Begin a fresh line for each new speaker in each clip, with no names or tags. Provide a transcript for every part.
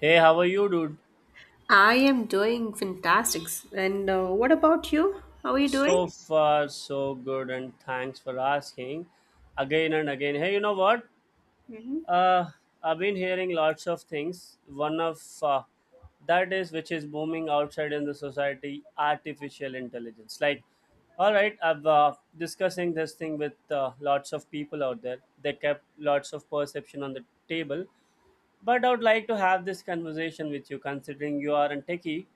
Hey, how are you, dude?
I am doing fantastic. And what about you? How are you
So
doing?
far, so good, and thanks for asking again and again. Hey, you know what?
Hmm.
Uh, I've been hearing lots of things. One of that is which is booming outside in the society artificial intelligence. All right, I've discussing this thing with lots of people out there. They kept lots of perception on the table. But I would like to have this conversation with you considering you are a techie.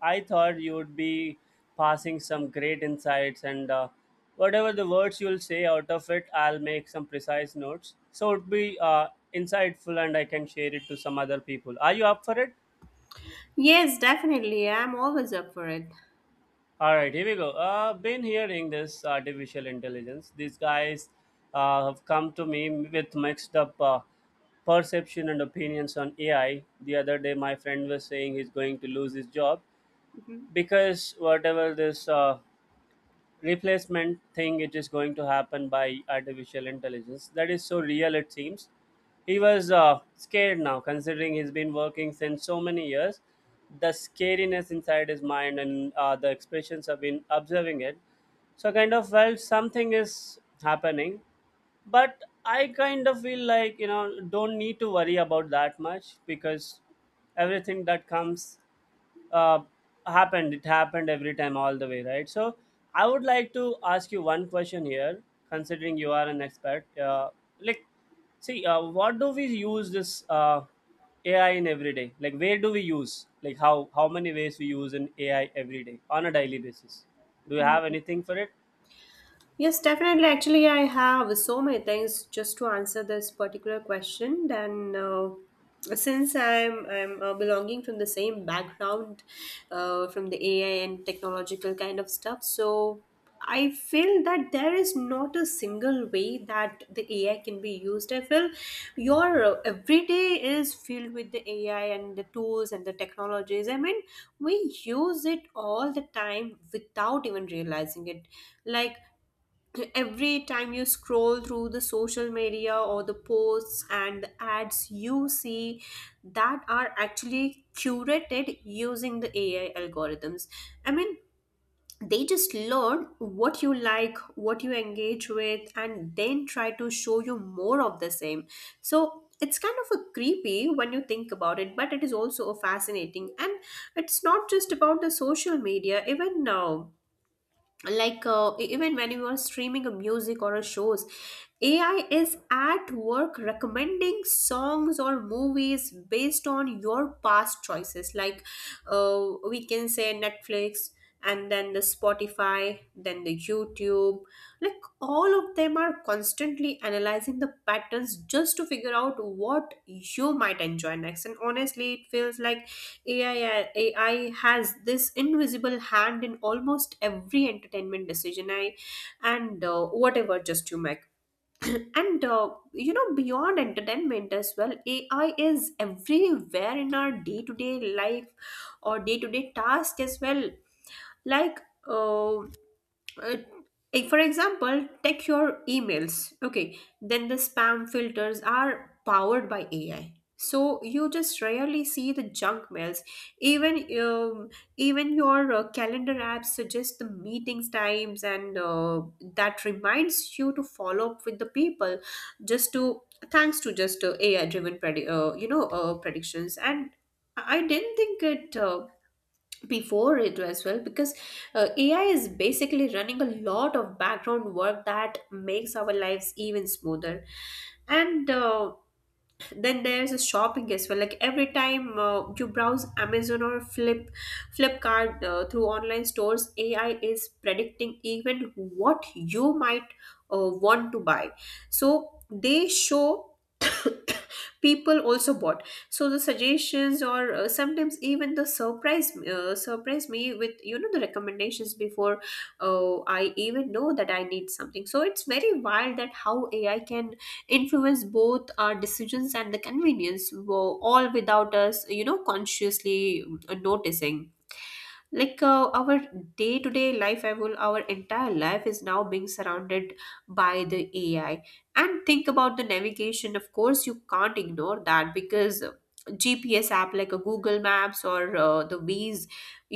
I thought you would be passing some great insights and whatever the words you'll say out of it, I'll make some precise notes. So it would be insightful and I can share it to some other people. Are you up for it?
Yes, definitely. I'm always up for it.
All right, here we go. Been hearing this artificial intelligence. These guys have come to me with mixed up perception and opinions on AI. The other day, my friend was saying he's going to lose his job because whatever this replacement thing it is going to happen by artificial intelligence that is so real it seems he was scared now considering he's been working since so many years, the scariness inside his mind and the expressions have been observing it, so I kind of felt something is happening, but I kind of feel like, you know, don't need to worry about that much because everything that comes, uh, happened. It happened every time, all the way, right? So, I would like to ask you one question here, considering you are an expert. Like, see, what do we use this AI in every day? Like, where do we use? Like, how many ways we use in AI every day on a daily basis? Do you have anything for it?
Yes, definitely. Actually, I have so many things just to answer this particular question. Then, since I'm belonging from the same background, from the AI and technological kind of stuff, so I feel that there is not a single way that the AI can be used. I feel your everyday is filled with the AI and the tools and the technologies. I mean, we use it all the time without even realizing it. Like every time you scroll through the social media or the posts and the ads you see that are actually curated using the AI algorithms. I mean, they just learn what you like, what you engage with, and then try to show you more of the same. So it's kind of a creepy when you think about it, but it is also a fascinating. And it's not just about the social media, even now, like, even when you are streaming a music or a shows, AI is at work recommending songs or movies based on your past choices, like we can say Netflix, and then the Spotify, then the YouTube. Like all of them are constantly analyzing the patterns just to figure out what you might enjoy next. And honestly, it feels like AI has this invisible hand in almost every entertainment decision I and whatever just you make. And you know beyond entertainment as well, AI is everywhere in our day to day life or day to day task as well. Like, uh, uh, for example, take your emails. Okay, then the spam filters are powered by AI. So you just rarely see the junk mails. Even um, even your calendar apps suggest the meetings times, and that reminds you to follow up with the people, just to thanks to just AI driven predictions. And I didn't think it. Before it as well, because AI is basically running a lot of background work that makes our lives even smoother. And then there's a shopping as well, like every time you browse Amazon or Flipkart through online stores, AI is predicting even what you might want to buy. So they show people also bought. So the suggestions, or sometimes even the surprise surprise me with, you know, the recommendations before I even know that I need something. So it's very wild that how AI can influence both our decisions and the convenience, all without us, you know, consciously noticing. Like, our day to day life, I will our entire life is now being surrounded by the AI. And think about the navigation, of course you can't ignore that, because GPS app like a Google Maps or the ways,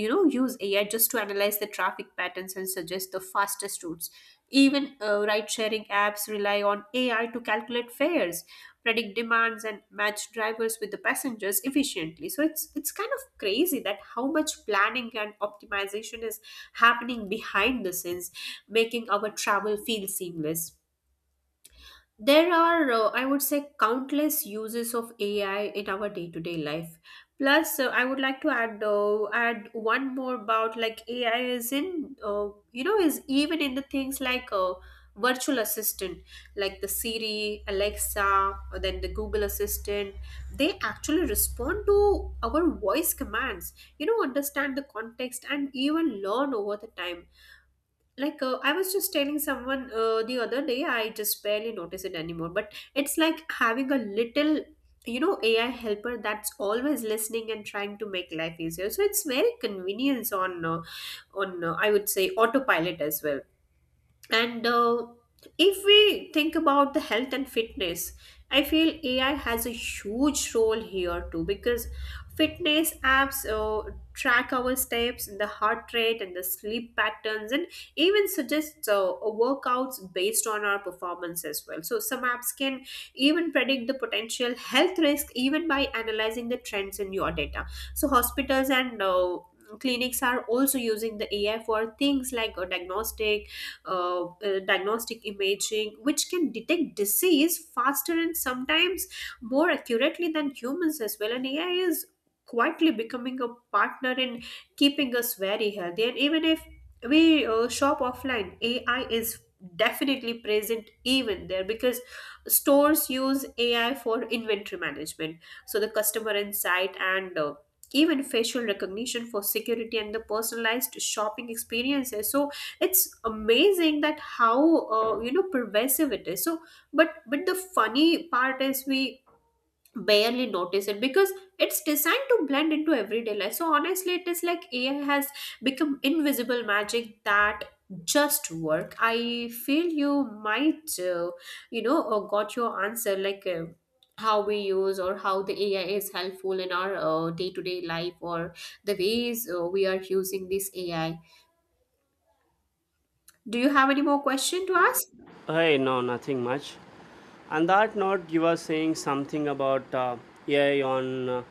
you know, use AI just to analyze the traffic patterns and suggest the fastest routes. Even ride sharing apps rely on AI to calculate fares, predict demands, and match drivers with the passengers efficiently. So it's kind of crazy that how much planning and optimization is happening behind the scenes, making our travel feel seamless. There are, I would say, countless uses of AI in our day-to-day life. Plus, I would like to add one more about, like, AI is in, you know, is even in the things like virtual assistant, like the Siri, Alexa, or then the Google Assistant. They actually respond to our voice commands, you know, understand the context and even learn over the time. Like, I was just telling someone the other day, I just barely notice it anymore, but it's like having a little, you know, AI helper that's always listening and trying to make life easier. So it's very convenience on I would say autopilot as well. And if we think about the health and fitness, I feel AI has a huge role here too, because fitness apps track our steps, and the heart rate, and the sleep patterns, and even suggest workouts based on our performance as well. So, some apps can even predict the potential health risk even by analyzing the trends in your data. So, hospitals and clinics are also using the AI for things like diagnostic diagnostic imaging, which can detect disease faster and sometimes more accurately than humans as well. And AI is quietly becoming a partner in keeping us very healthy. And even if we shop offline, AI is definitely present even there, because stores use AI for inventory management. So the customer insight and even facial recognition for security and the personalized shopping experiences. So it's amazing that how you know pervasive it is. So but the funny part is we barely notice it because it's designed to blend into everyday life. So honestly, it is like AI has become invisible magic that just work. I feel you might you know got your answer, like how we use or how the AI is helpful in our day-to-day life or the ways we are using this AI. Do you have any more question to ask?
Hey, no, nothing much. On that note, you were saying something about AI on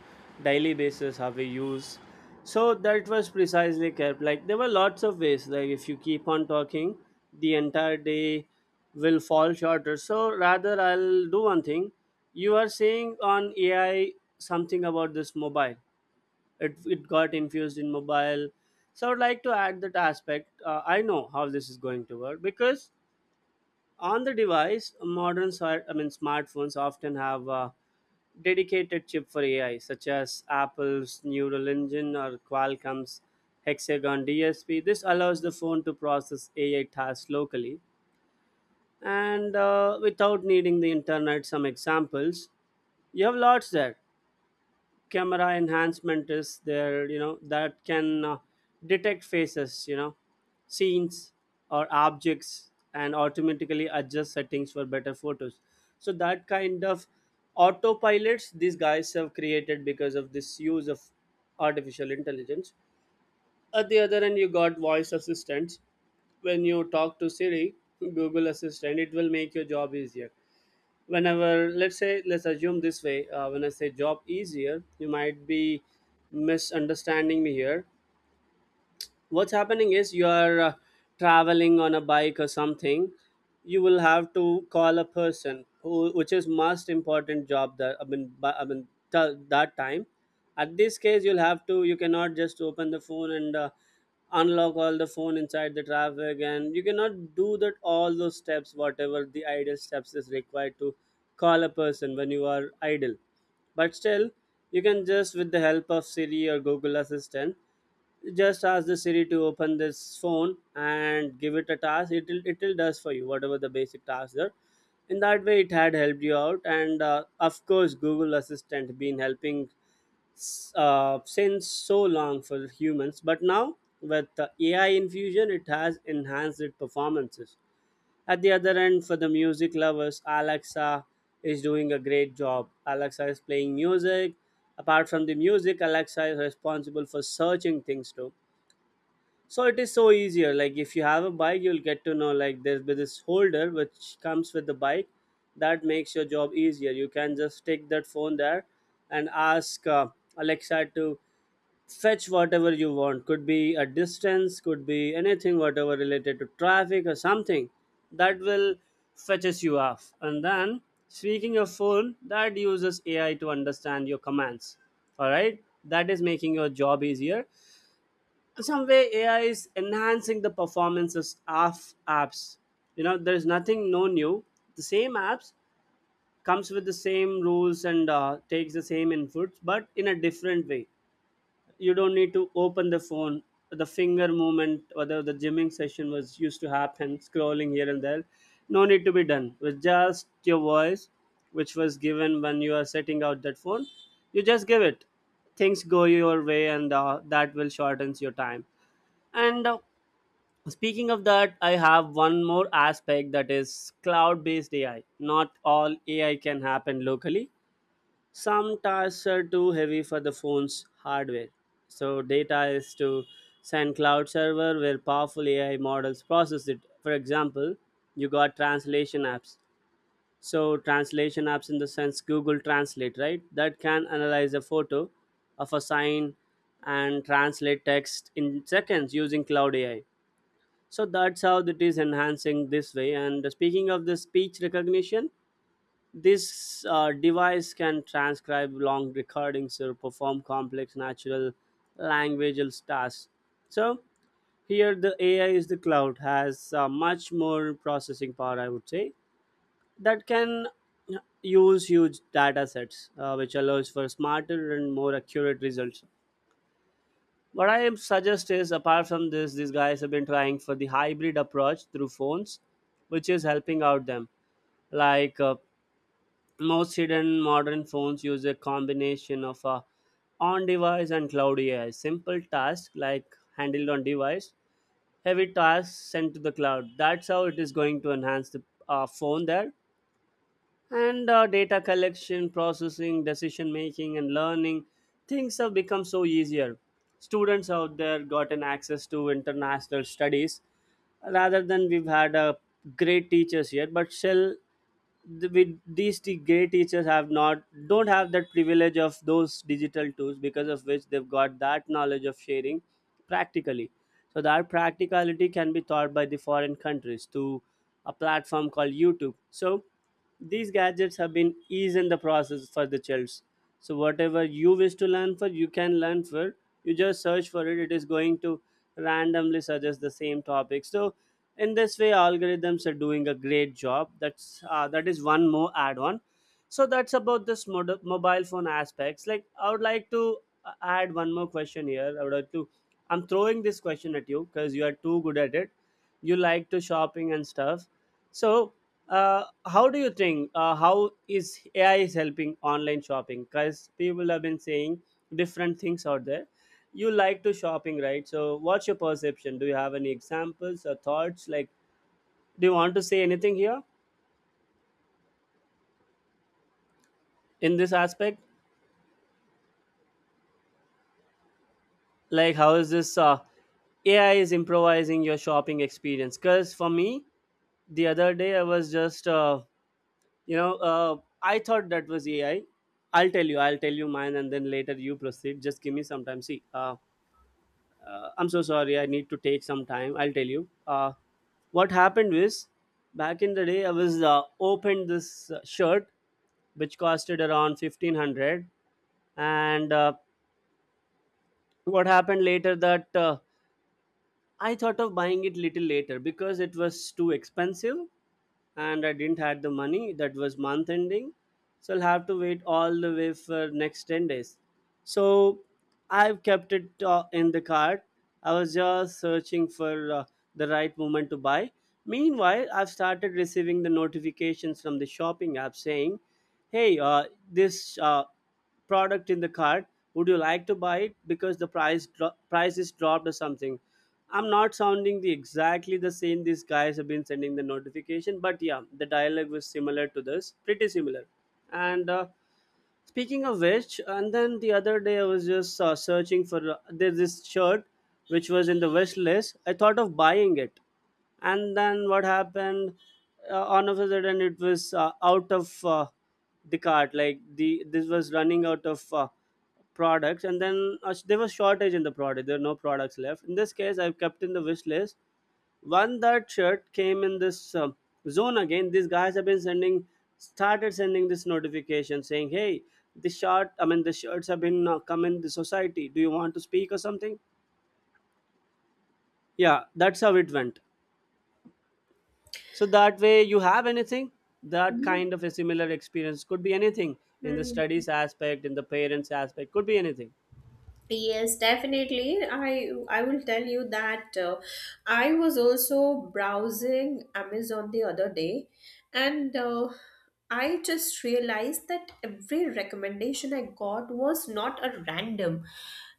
daily basis how we use. So that was precisely kept. Like there were lots of ways. Like if you keep on talking, the entire day will fall shorter. So rather, I'll do one thing. You are saying on AI something about this mobile. It got infused in mobile. So I would like to add that aspect. I know how this is going to work because on the device, modern smart I mean smartphones often have a dedicated chip for AI, such as Apple's Neural Engine or Qualcomm's Hexagon DSP. This allows the phone to process AI tasks locally and without needing the internet. Some examples you have lots there. Camera enhancement is there, you know, that can detect faces, you know, scenes or objects, and automatically adjust settings for better photos. So that kind of autopilots these guys have created because of this use of artificial intelligence. At the other end, you got voice assistants. When you talk to Siri, Google Assistant, it will make your job easier. Whenever, let's say, let's assume this way, when I say job easier you might be misunderstanding me here. What's happening is you are traveling on a bike or something. You will have to call a person who, which is most important job that, that time, at this case you'll have to, you cannot just open the phone and unlock all the phone inside the traffic, and you cannot do that, all those steps whatever the idle steps is required to call a person when you are idle. But still, you can just with the help of Siri or Google Assistant, just ask the Siri to open this phone and give it a task. It'll does for you whatever the basic tasks are. In that way, it had helped you out, and of course, Google Assistant been helping since so long for humans. But now with the AI infusion, it has enhanced its performances. At the other end, for the music lovers, Alexa is doing a great job. Alexa is playing music. Apart from the music, Alexa is responsible for searching things too. So it is so easier. Like if you have a bike, you'll get to know, like there's be this holder which comes with the bike that makes your job easier. You can just stick that phone there and ask Alexa to fetch whatever you want. Could be a distance, could be anything, whatever related to traffic or something, that will fetches you off. And then, speaking of phone that uses AI to understand your commands, all right, that is making your job easier. Some way AI is enhancing the performances of apps. You know, there's nothing no new. The same apps comes with the same rules and takes the same inputs, but in a different way. You don't need to open the phone. The finger movement, whether the gymming session was used to happen, scrolling here and there, no need to be done. With just your voice, which was given when you are setting out that phone, you just give it. Things go your way, and that will shortens your time and speaking of that, I have one more aspect that is cloud based AI. Not all AI can happen locally. Some tasks are too heavy for the phone's hardware. So, data is to send cloud server where powerful AI models process it. For example, you got translation apps. So, translation apps in the sense Google Translate, right? That can analyze a photo of a sign and translate text in seconds using cloud AI. So that's how it is enhancing this way. And speaking of the speech recognition, this device can transcribe long recordings or perform complex natural languageal tasks. So here the AI is, the cloud has much more processing power, I would say, that can use huge data sets, which allows for smarter and more accurate results. What I suggest is, apart from this, these guys have been trying for the hybrid approach through phones, which is helping out them. Like uh, most hidden modern phones use a combination of a on-device and cloud AI. Simple tasks like handled on device, heavy tasks sent to the cloud. That's how it is going to enhance the phone there. And data collection, processing, decision making, and learning things have become so easier. Students out there gotten access to international studies. Rather than we've had great teachers here, but still the, with these great teachers have not, don't have that privilege of those digital tools, because of which they've got that knowledge of sharing practically. So that practicality can be taught by the foreign countries to a platform called YouTube. So these gadgets have been ease in the process for the childs. So whatever you wish to learn for, you can learn for. You just search for it, it is going to randomly suggest the same topic. So in this way algorithms are doing a great job. That's that is one more add on. So that's about this mobile phone aspects. Like I would like to add one more question here. I would like to, I'm throwing this question at you because you are too good at it. You like to shopping and stuff. So how do you think, how is AI is helping online shopping, because people have been saying different things out there. You like to shopping, right? So what's your perception? Do you have any examples or thoughts? Like, do you want to say anything here in this aspect? Like how is this AI is improvising your shopping experience? Because for me, the other day I was just you know, I thought that was AI. I'll tell you, I'll tell you mine, and then later you proceed. Just give me some time. See, I'm so sorry, I need to take some time. I'll tell you what happened was, back in the day I was opened this shirt which costed around 1500. And what happened later that I thought of buying it little later because it was too expensive, and I didn't had the money. That was month ending, so I'll have to wait all the way for next 10 days. So I've kept it in the cart. I was just searching for the right moment to buy. Meanwhile, I've started receiving the notifications from the shopping app saying, "Hey, this product in the cart. Would you like to buy it because the price is dropped or something?" I'm not sounding the exactly the same these guys have been sending the notification, but yeah, the dialogue was similar to this, pretty similar. And Speaking of which, and then the other day I was just searching for there's this shirt which was in the wish list. I thought of buying it, and then what happened? On of a sudden, it was out of the cart. Like the this was running out of products, and then there was shortage in the product. There were no products left. In this case, I've kept in the wish list, one that shirt came in this zone again. These guys have been started sending this notification saying, "Hey, the shirt. I mean, the shirts have been come in the society. Do you want to speak or something?" Yeah, that's how it went. So that way, you have anything that
Mhm.
kind of a similar experience could be anything in the studies aspect, in the parents aspect, could be anything.
Yes, definitely. I I will tell you that I was also browsing Amazon the other day, and I just realized that every recommendation I got was not a random.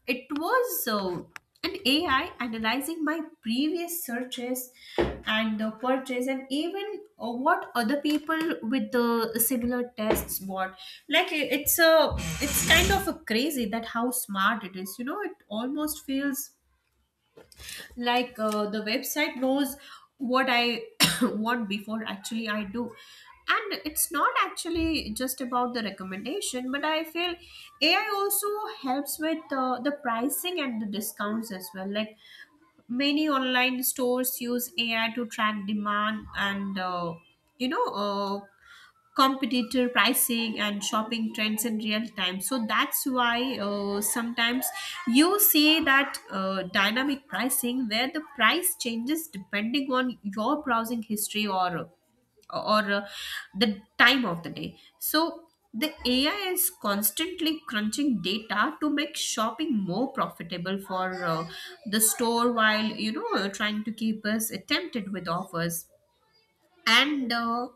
It was an AI analyzing my previous searches and purchase and even what other people with the similar tests bought. Like, it's kind of a crazy that how smart it is. You know, it almost feels like the website knows what I want before actually I do. And it's not actually just about the recommendation, but I feel AI also helps with the pricing and the discounts as well. Like many online stores use AI to track demand and you know competitor pricing and shopping trends in real time. So that's why sometimes you see that dynamic pricing where the price changes depending on your browsing history or the time of the day. So the AI is constantly crunching data to make shopping more profitable for the store while, you know, trying to keep us tempted with offers. And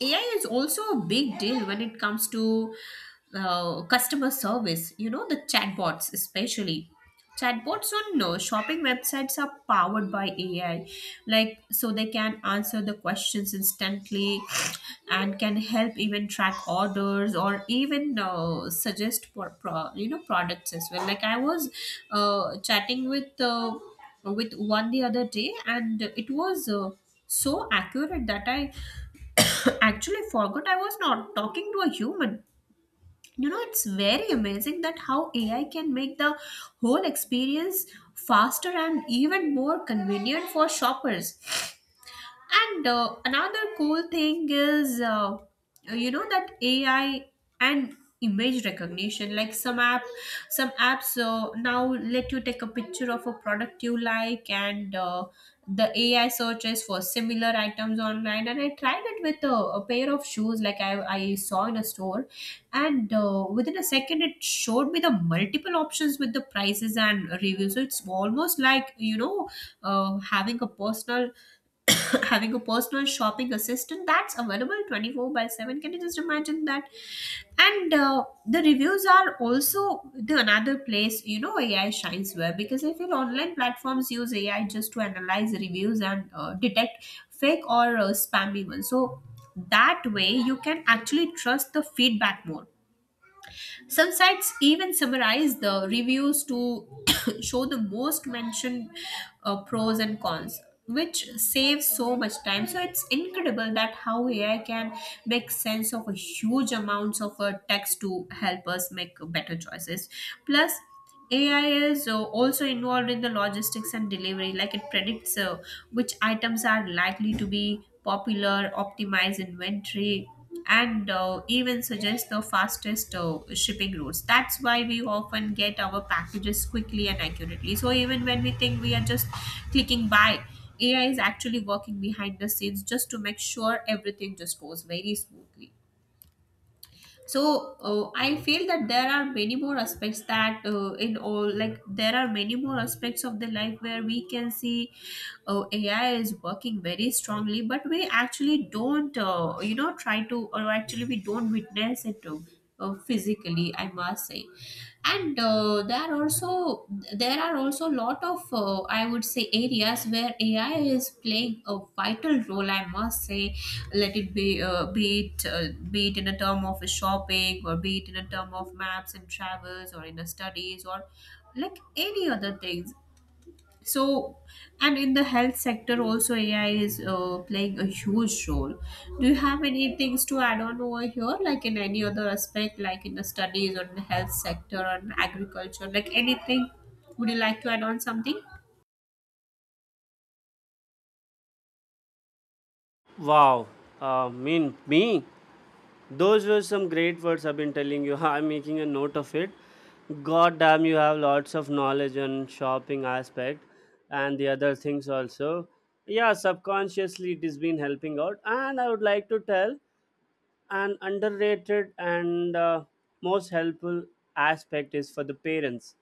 AI is also a big deal when it comes to customer service. You know, the chatbots, especially. Chatbots on shopping websites are powered by AI, like so they can answer the questions instantly and can help even track orders or even suggest for you know products as well. Like I was chatting with one the other day, and it was so accurate that I actually forgot I was not talking to a human. You know, it's very amazing that how AI can make the whole experience faster and even more convenient for shoppers. And another cool thing is, you know that AI and image recognition. Like, some apps now let you take a picture of a product you like, and the AI searches for similar items online. And I tried it with a pair of shoes, like I saw in a store, and within a second it showed me the multiple options with the prices and reviews. So it's almost like, you know, having a personal having a personal shopping assistant that's available 24 by 7. Can you just imagine that? And the reviews are also the another place, you know, AI shines, where because I feel online platforms use AI just to analyze reviews and detect fake or spammy ones. So that way you can actually trust the feedback more. Some sites even summarize the reviews to show the most mentioned pros and cons, which saves so much time. So it's incredible that how AI can make sense of a huge amounts of text to help us make better choices. Plus, AI is also involved in the logistics and delivery, like it predicts which items are likely to be popular, optimize inventory, and even suggest the fastest shipping routes. That's why we often get our packages quickly and accurately. So, even when we think we are just clicking buy, AI is actually working behind the scenes just to make sure everything just goes very smoothly, so I feel that there are many more aspects that in all like there are many more aspects of the life where we can see AI is working very strongly, but we actually don't you know try to or actually we don't witness it, physically, I must say. And there are also a lot of I would say areas where AI is playing a vital role, I must say. Let it be uh, be it uh, be it in a term of shopping, or be it in a term of maps and travels, or in a studies, or like any other things. So, and in the health sector also, AI is playing a huge role. Do you have any things to add on over here, like in any other aspect, like in the studies or in the health sector or in agriculture, like anything? Would you like to add on something?
Wow, mean me. Those were some great words I've been telling you. I'm making a note of it. God damn, you have lots of knowledge on shopping aspect and the other things also. Yeah, subconsciously it has been helping out. And I would like to tell an underrated and most helpful aspect is for the parents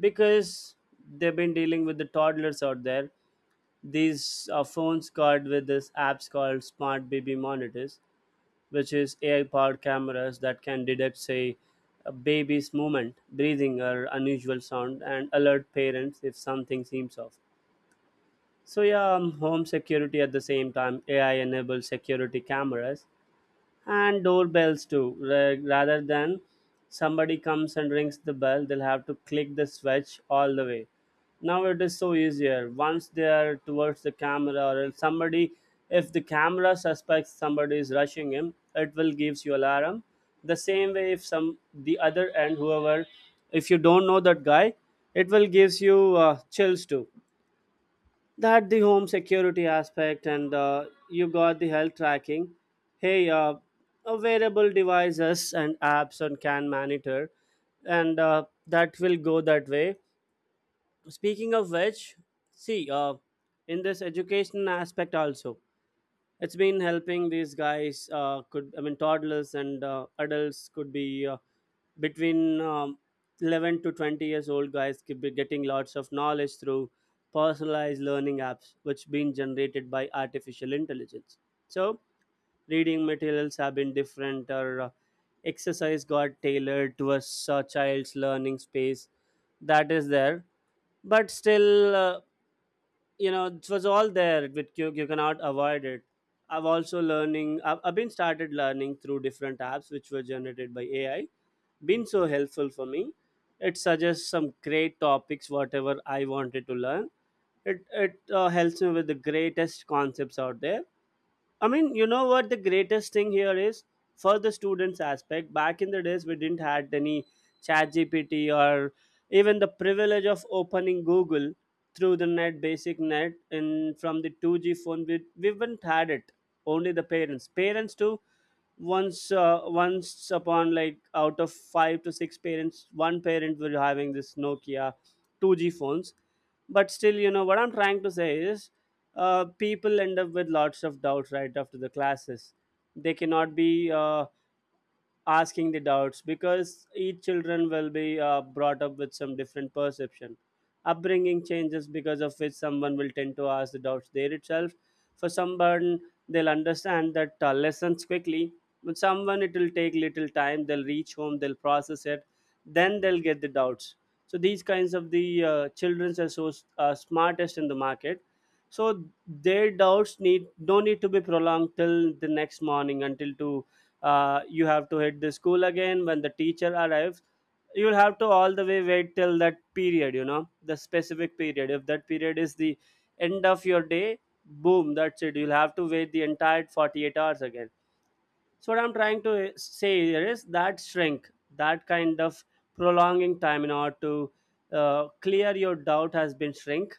because they've been dealing with the toddlers out there. These phones called with this apps called smart baby monitors which is AI-powered cameras that can detect, say, a baby's movement, breathing, or unusual sound, and alert parents if something seems off. So yeah, home security at the same time, AI enabled security cameras and doorbells too rather than somebody comes and rings the bell, they'll have to click the switch all the way. Now it is so easier once they are towards the camera, or if somebody, if the camera suspects somebody is rushing him, it will gives you alarm. The same way if some the other end, whoever, if you don't know that guy, it will gives you chills too. That the home security aspect, and you got the health tracking. Hey, wearable devices and apps and can monitor, and that will go that way. Speaking of which, see, in this education aspect also, it's been helping these guys could I mean toddlers and adults could be between 11 to 20 years old guys could be getting lots of knowledge through personalized learning apps which been generated by artificial intelligence. So reading materials have been different, or exercise got tailored to a child's learning space. That is there, but still you know, it was all there with you, you cannot avoid it. I've also learning I've been started learning through different apps which were generated by AI. Been so helpful for me. It suggests some great topics whatever I wanted to learn. It helps me with the greatest concepts out there. I mean, you know what the greatest thing here is for the students aspect. Back in the days, we didn't had any chat GPT, or even the privilege of opening Google through the net, basic net, and from the 2G phone. We haven't had it. Only the parents. Parents too, once once upon like out of five to six parents one parent were having this nokia 2G phones. But still, you know what I'm trying to say is, people end up with lots of doubts right after the classes. They cannot be asking the doubts because each children will be brought up with some different perception. Upbringing changes, because of which someone will tend to ask the doubts there itself. For someone, they'll understand that lessons quickly, but someone it will take little time, they'll reach home, they'll process it, then they'll get the doubts. So these kinds of the children's are so smartest in the market. So their doubts need don't need to be prolonged till the next morning until to, you have to hit the school again when the teacher arrives. You'll have to all the way wait till that period, you know, the specific period. If that period is the end of your day, boom, that's it, you'll have to wait the entire 48 hours again. So what I'm trying to say here is that shrink, that kind of prolonging time in order to clear your doubt has been shrink.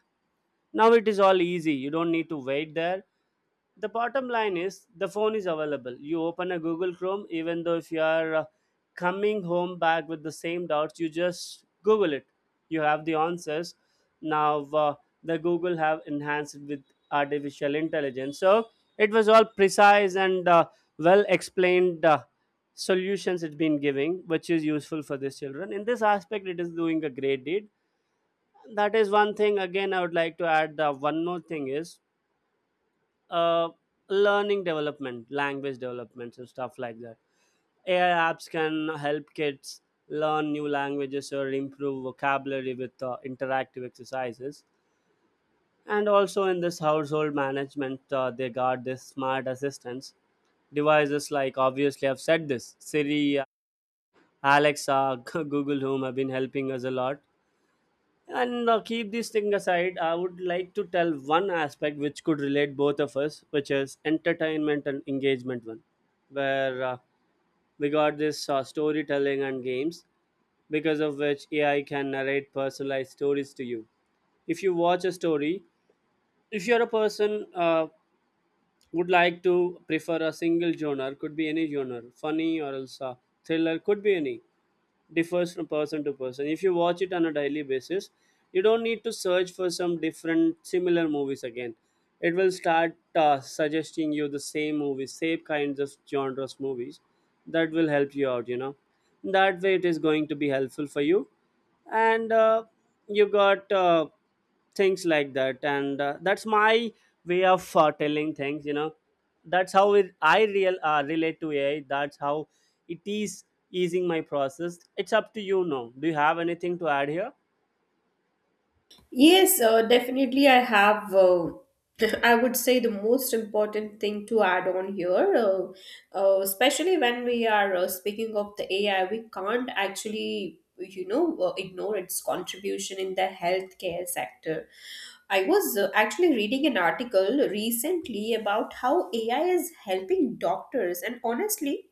Now it is all easy. You don't need to wait there. The bottom line is the phone is available. You open a Google Chrome, even though if you are coming home back with the same doubts, you just Google it. You have the answers. Now the Google have enhanced it with artificial intelligence. So it was all precise and well explained solutions it's been giving, which is useful for these children. In this aspect, it is doing a great deed. That is one thing. Again, I would like to add one more thing is, uh, learning development, language developments and stuff like that. AI apps can help kids learn new languages or improve vocabulary with interactive exercises. And also in this household management, they got this smart assistants devices like, obviously I've said this, Siri, Alexa, Google Home have been helping us a lot. And keep this thing aside, I would like to tell one aspect which could relate both of us, which is entertainment and engagement one, where we got this storytelling and games, because of which AI can narrate personalized stories to you. If you watch a story, if you're a person would like to prefer a single genre, could be any genre, funny or else thriller, could be any, differs from person to person. If you watch it on a daily basis, you don't need to search for some different similar movies again. It will start suggesting you the same movies, same kinds of genres movies. That will help you out, you know. That way it is going to be helpful for you. And you got things like that, and that's my way of telling things, you know. That's how I real relate to AI. That's how it is easing my process. It's up to you now, do you have anything to add here?
Yes, definitely. I have, I would say, the most important thing to add on here, especially when we are speaking of the AI, we can't actually, you know, ignore its contribution in the healthcare sector. I was actually reading an article recently about how AI is helping doctors, and honestly,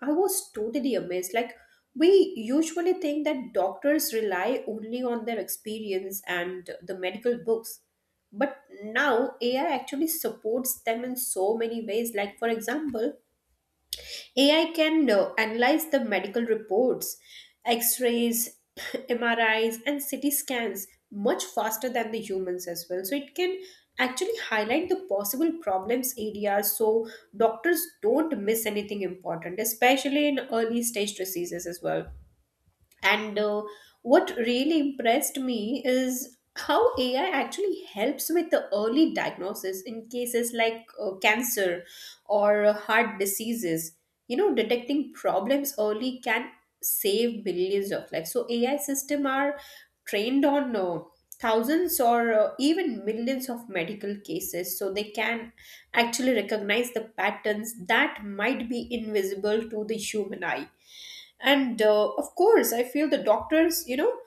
I was totally amazed. Like, we usually think that doctors rely only on their experience and the medical books, but now AI actually supports them in so many ways. Like, for example, AI can analyze the medical reports, x rays, MRIs, and CT scans much faster than the humans as well. So it can actually highlight the possible problems areas so doctors don't miss anything important, especially in early stage diseases as well. And what really impressed me is how AI actually helps with the early diagnosis in cases like cancer or heart diseases. You know, detecting problems early can save millions of lives. So AI system are trained on thousands or even millions of medical cases, so they can actually recognize the patterns that might be invisible to the human eye. And of course, I feel the doctors, you know,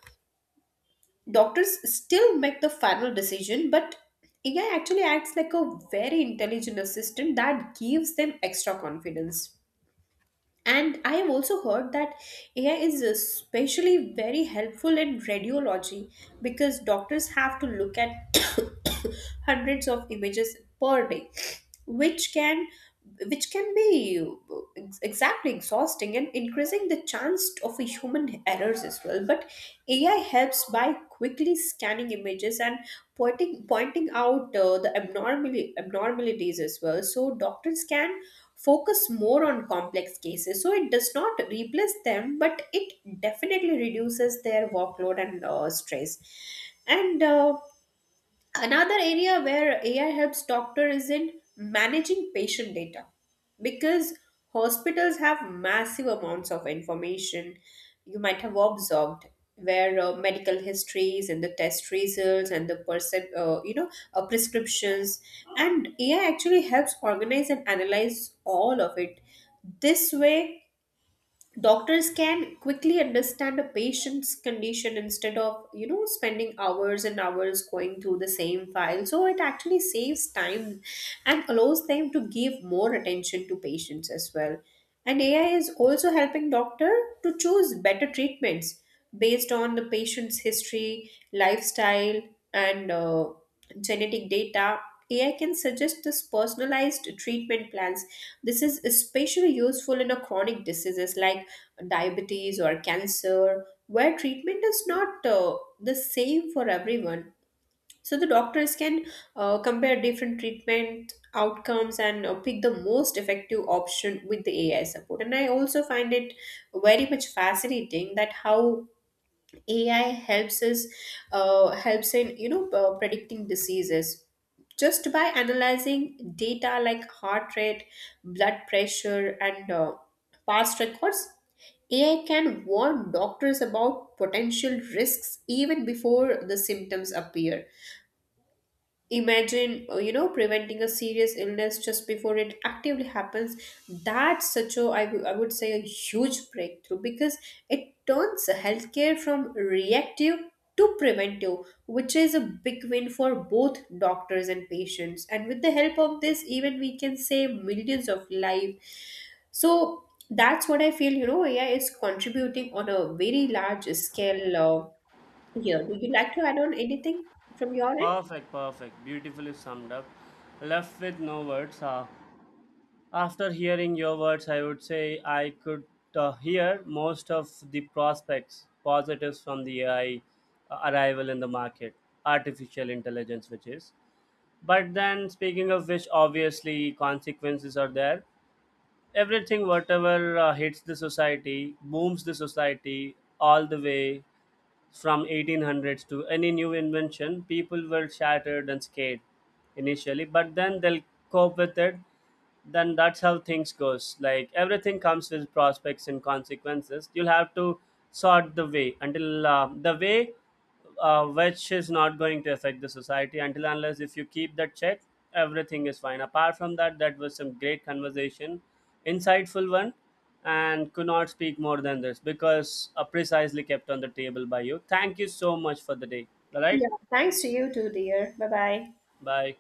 doctors still make the final decision, but AI actually acts like a very intelligent assistant that gives them extra confidence. And I have also heard that AI is especially very helpful in radiology, because doctors have to look at hundreds of images per day, which can which can be exactly exhausting and increasing the chance of a human errors as well. But AI helps by quickly scanning images and pointing out the abnormally abnormalities as well. So doctors can focus more on complex cases. So it does not replace them, but it definitely reduces their workload and stress. And another area where AI helps doctor is in managing patient data, because hospitals have massive amounts of information, you might have observed, where medical histories and the test results and the person prescriptions, and AI actually helps organize and analyze all of it. This way, doctors can quickly understand a patient's condition instead of, you know, spending hours and hours going through the same file, so it actually saves time and allows them to give more attention to patients as well. And AI is also helping doctor to choose better treatments based on the patient's history, lifestyle, and genetic data. AI can suggest this personalized treatment plans. This is especially useful in a chronic diseases like diabetes or cancer, where treatment is not the same for everyone. So the doctors can compare different treatment outcomes and pick the most effective option with the AI support. And I also find it very much fascinating that how AI helps us helps in, you know, predicting diseases just by analyzing data like heart rate, blood pressure, and past records. AI can warn doctors about potential risks even before the symptoms appear. Imagine, you know, preventing a serious illness just before it actively happens. That's such a I would say a huge breakthrough, because it turns healthcare from reactive to preventive, which is a big win for both doctors and patients, and with the help of this, even we can save millions of lives. So that's what I feel, you know, AI is contributing on a very large scale. Here, would you like to add on anything from your end?
Perfect, perfect, beautifully summed up. Left with no words. After hearing your words, I would say I could hear most of the prospects, positives from the AI arrival in the market, artificial intelligence, which is. But then, speaking of which, obviously consequences are there. Everything, whatever hits the society, booms the society all the way from 1800s to any new invention. People were shattered and scared initially, but then they'll cope with it. Then that's how things goes. Like everything comes with prospects and consequences, you'll have to sort the way until the way which is not going to affect the society. Until unless if you keep that check, everything is fine. Apart from that, that was some great conversation, insightful one, and could not speak more than this because precisely kept on the table by you. Thank you so much for the day. All right.
Yeah. Thanks to you too, dear. Bye bye.
Bye.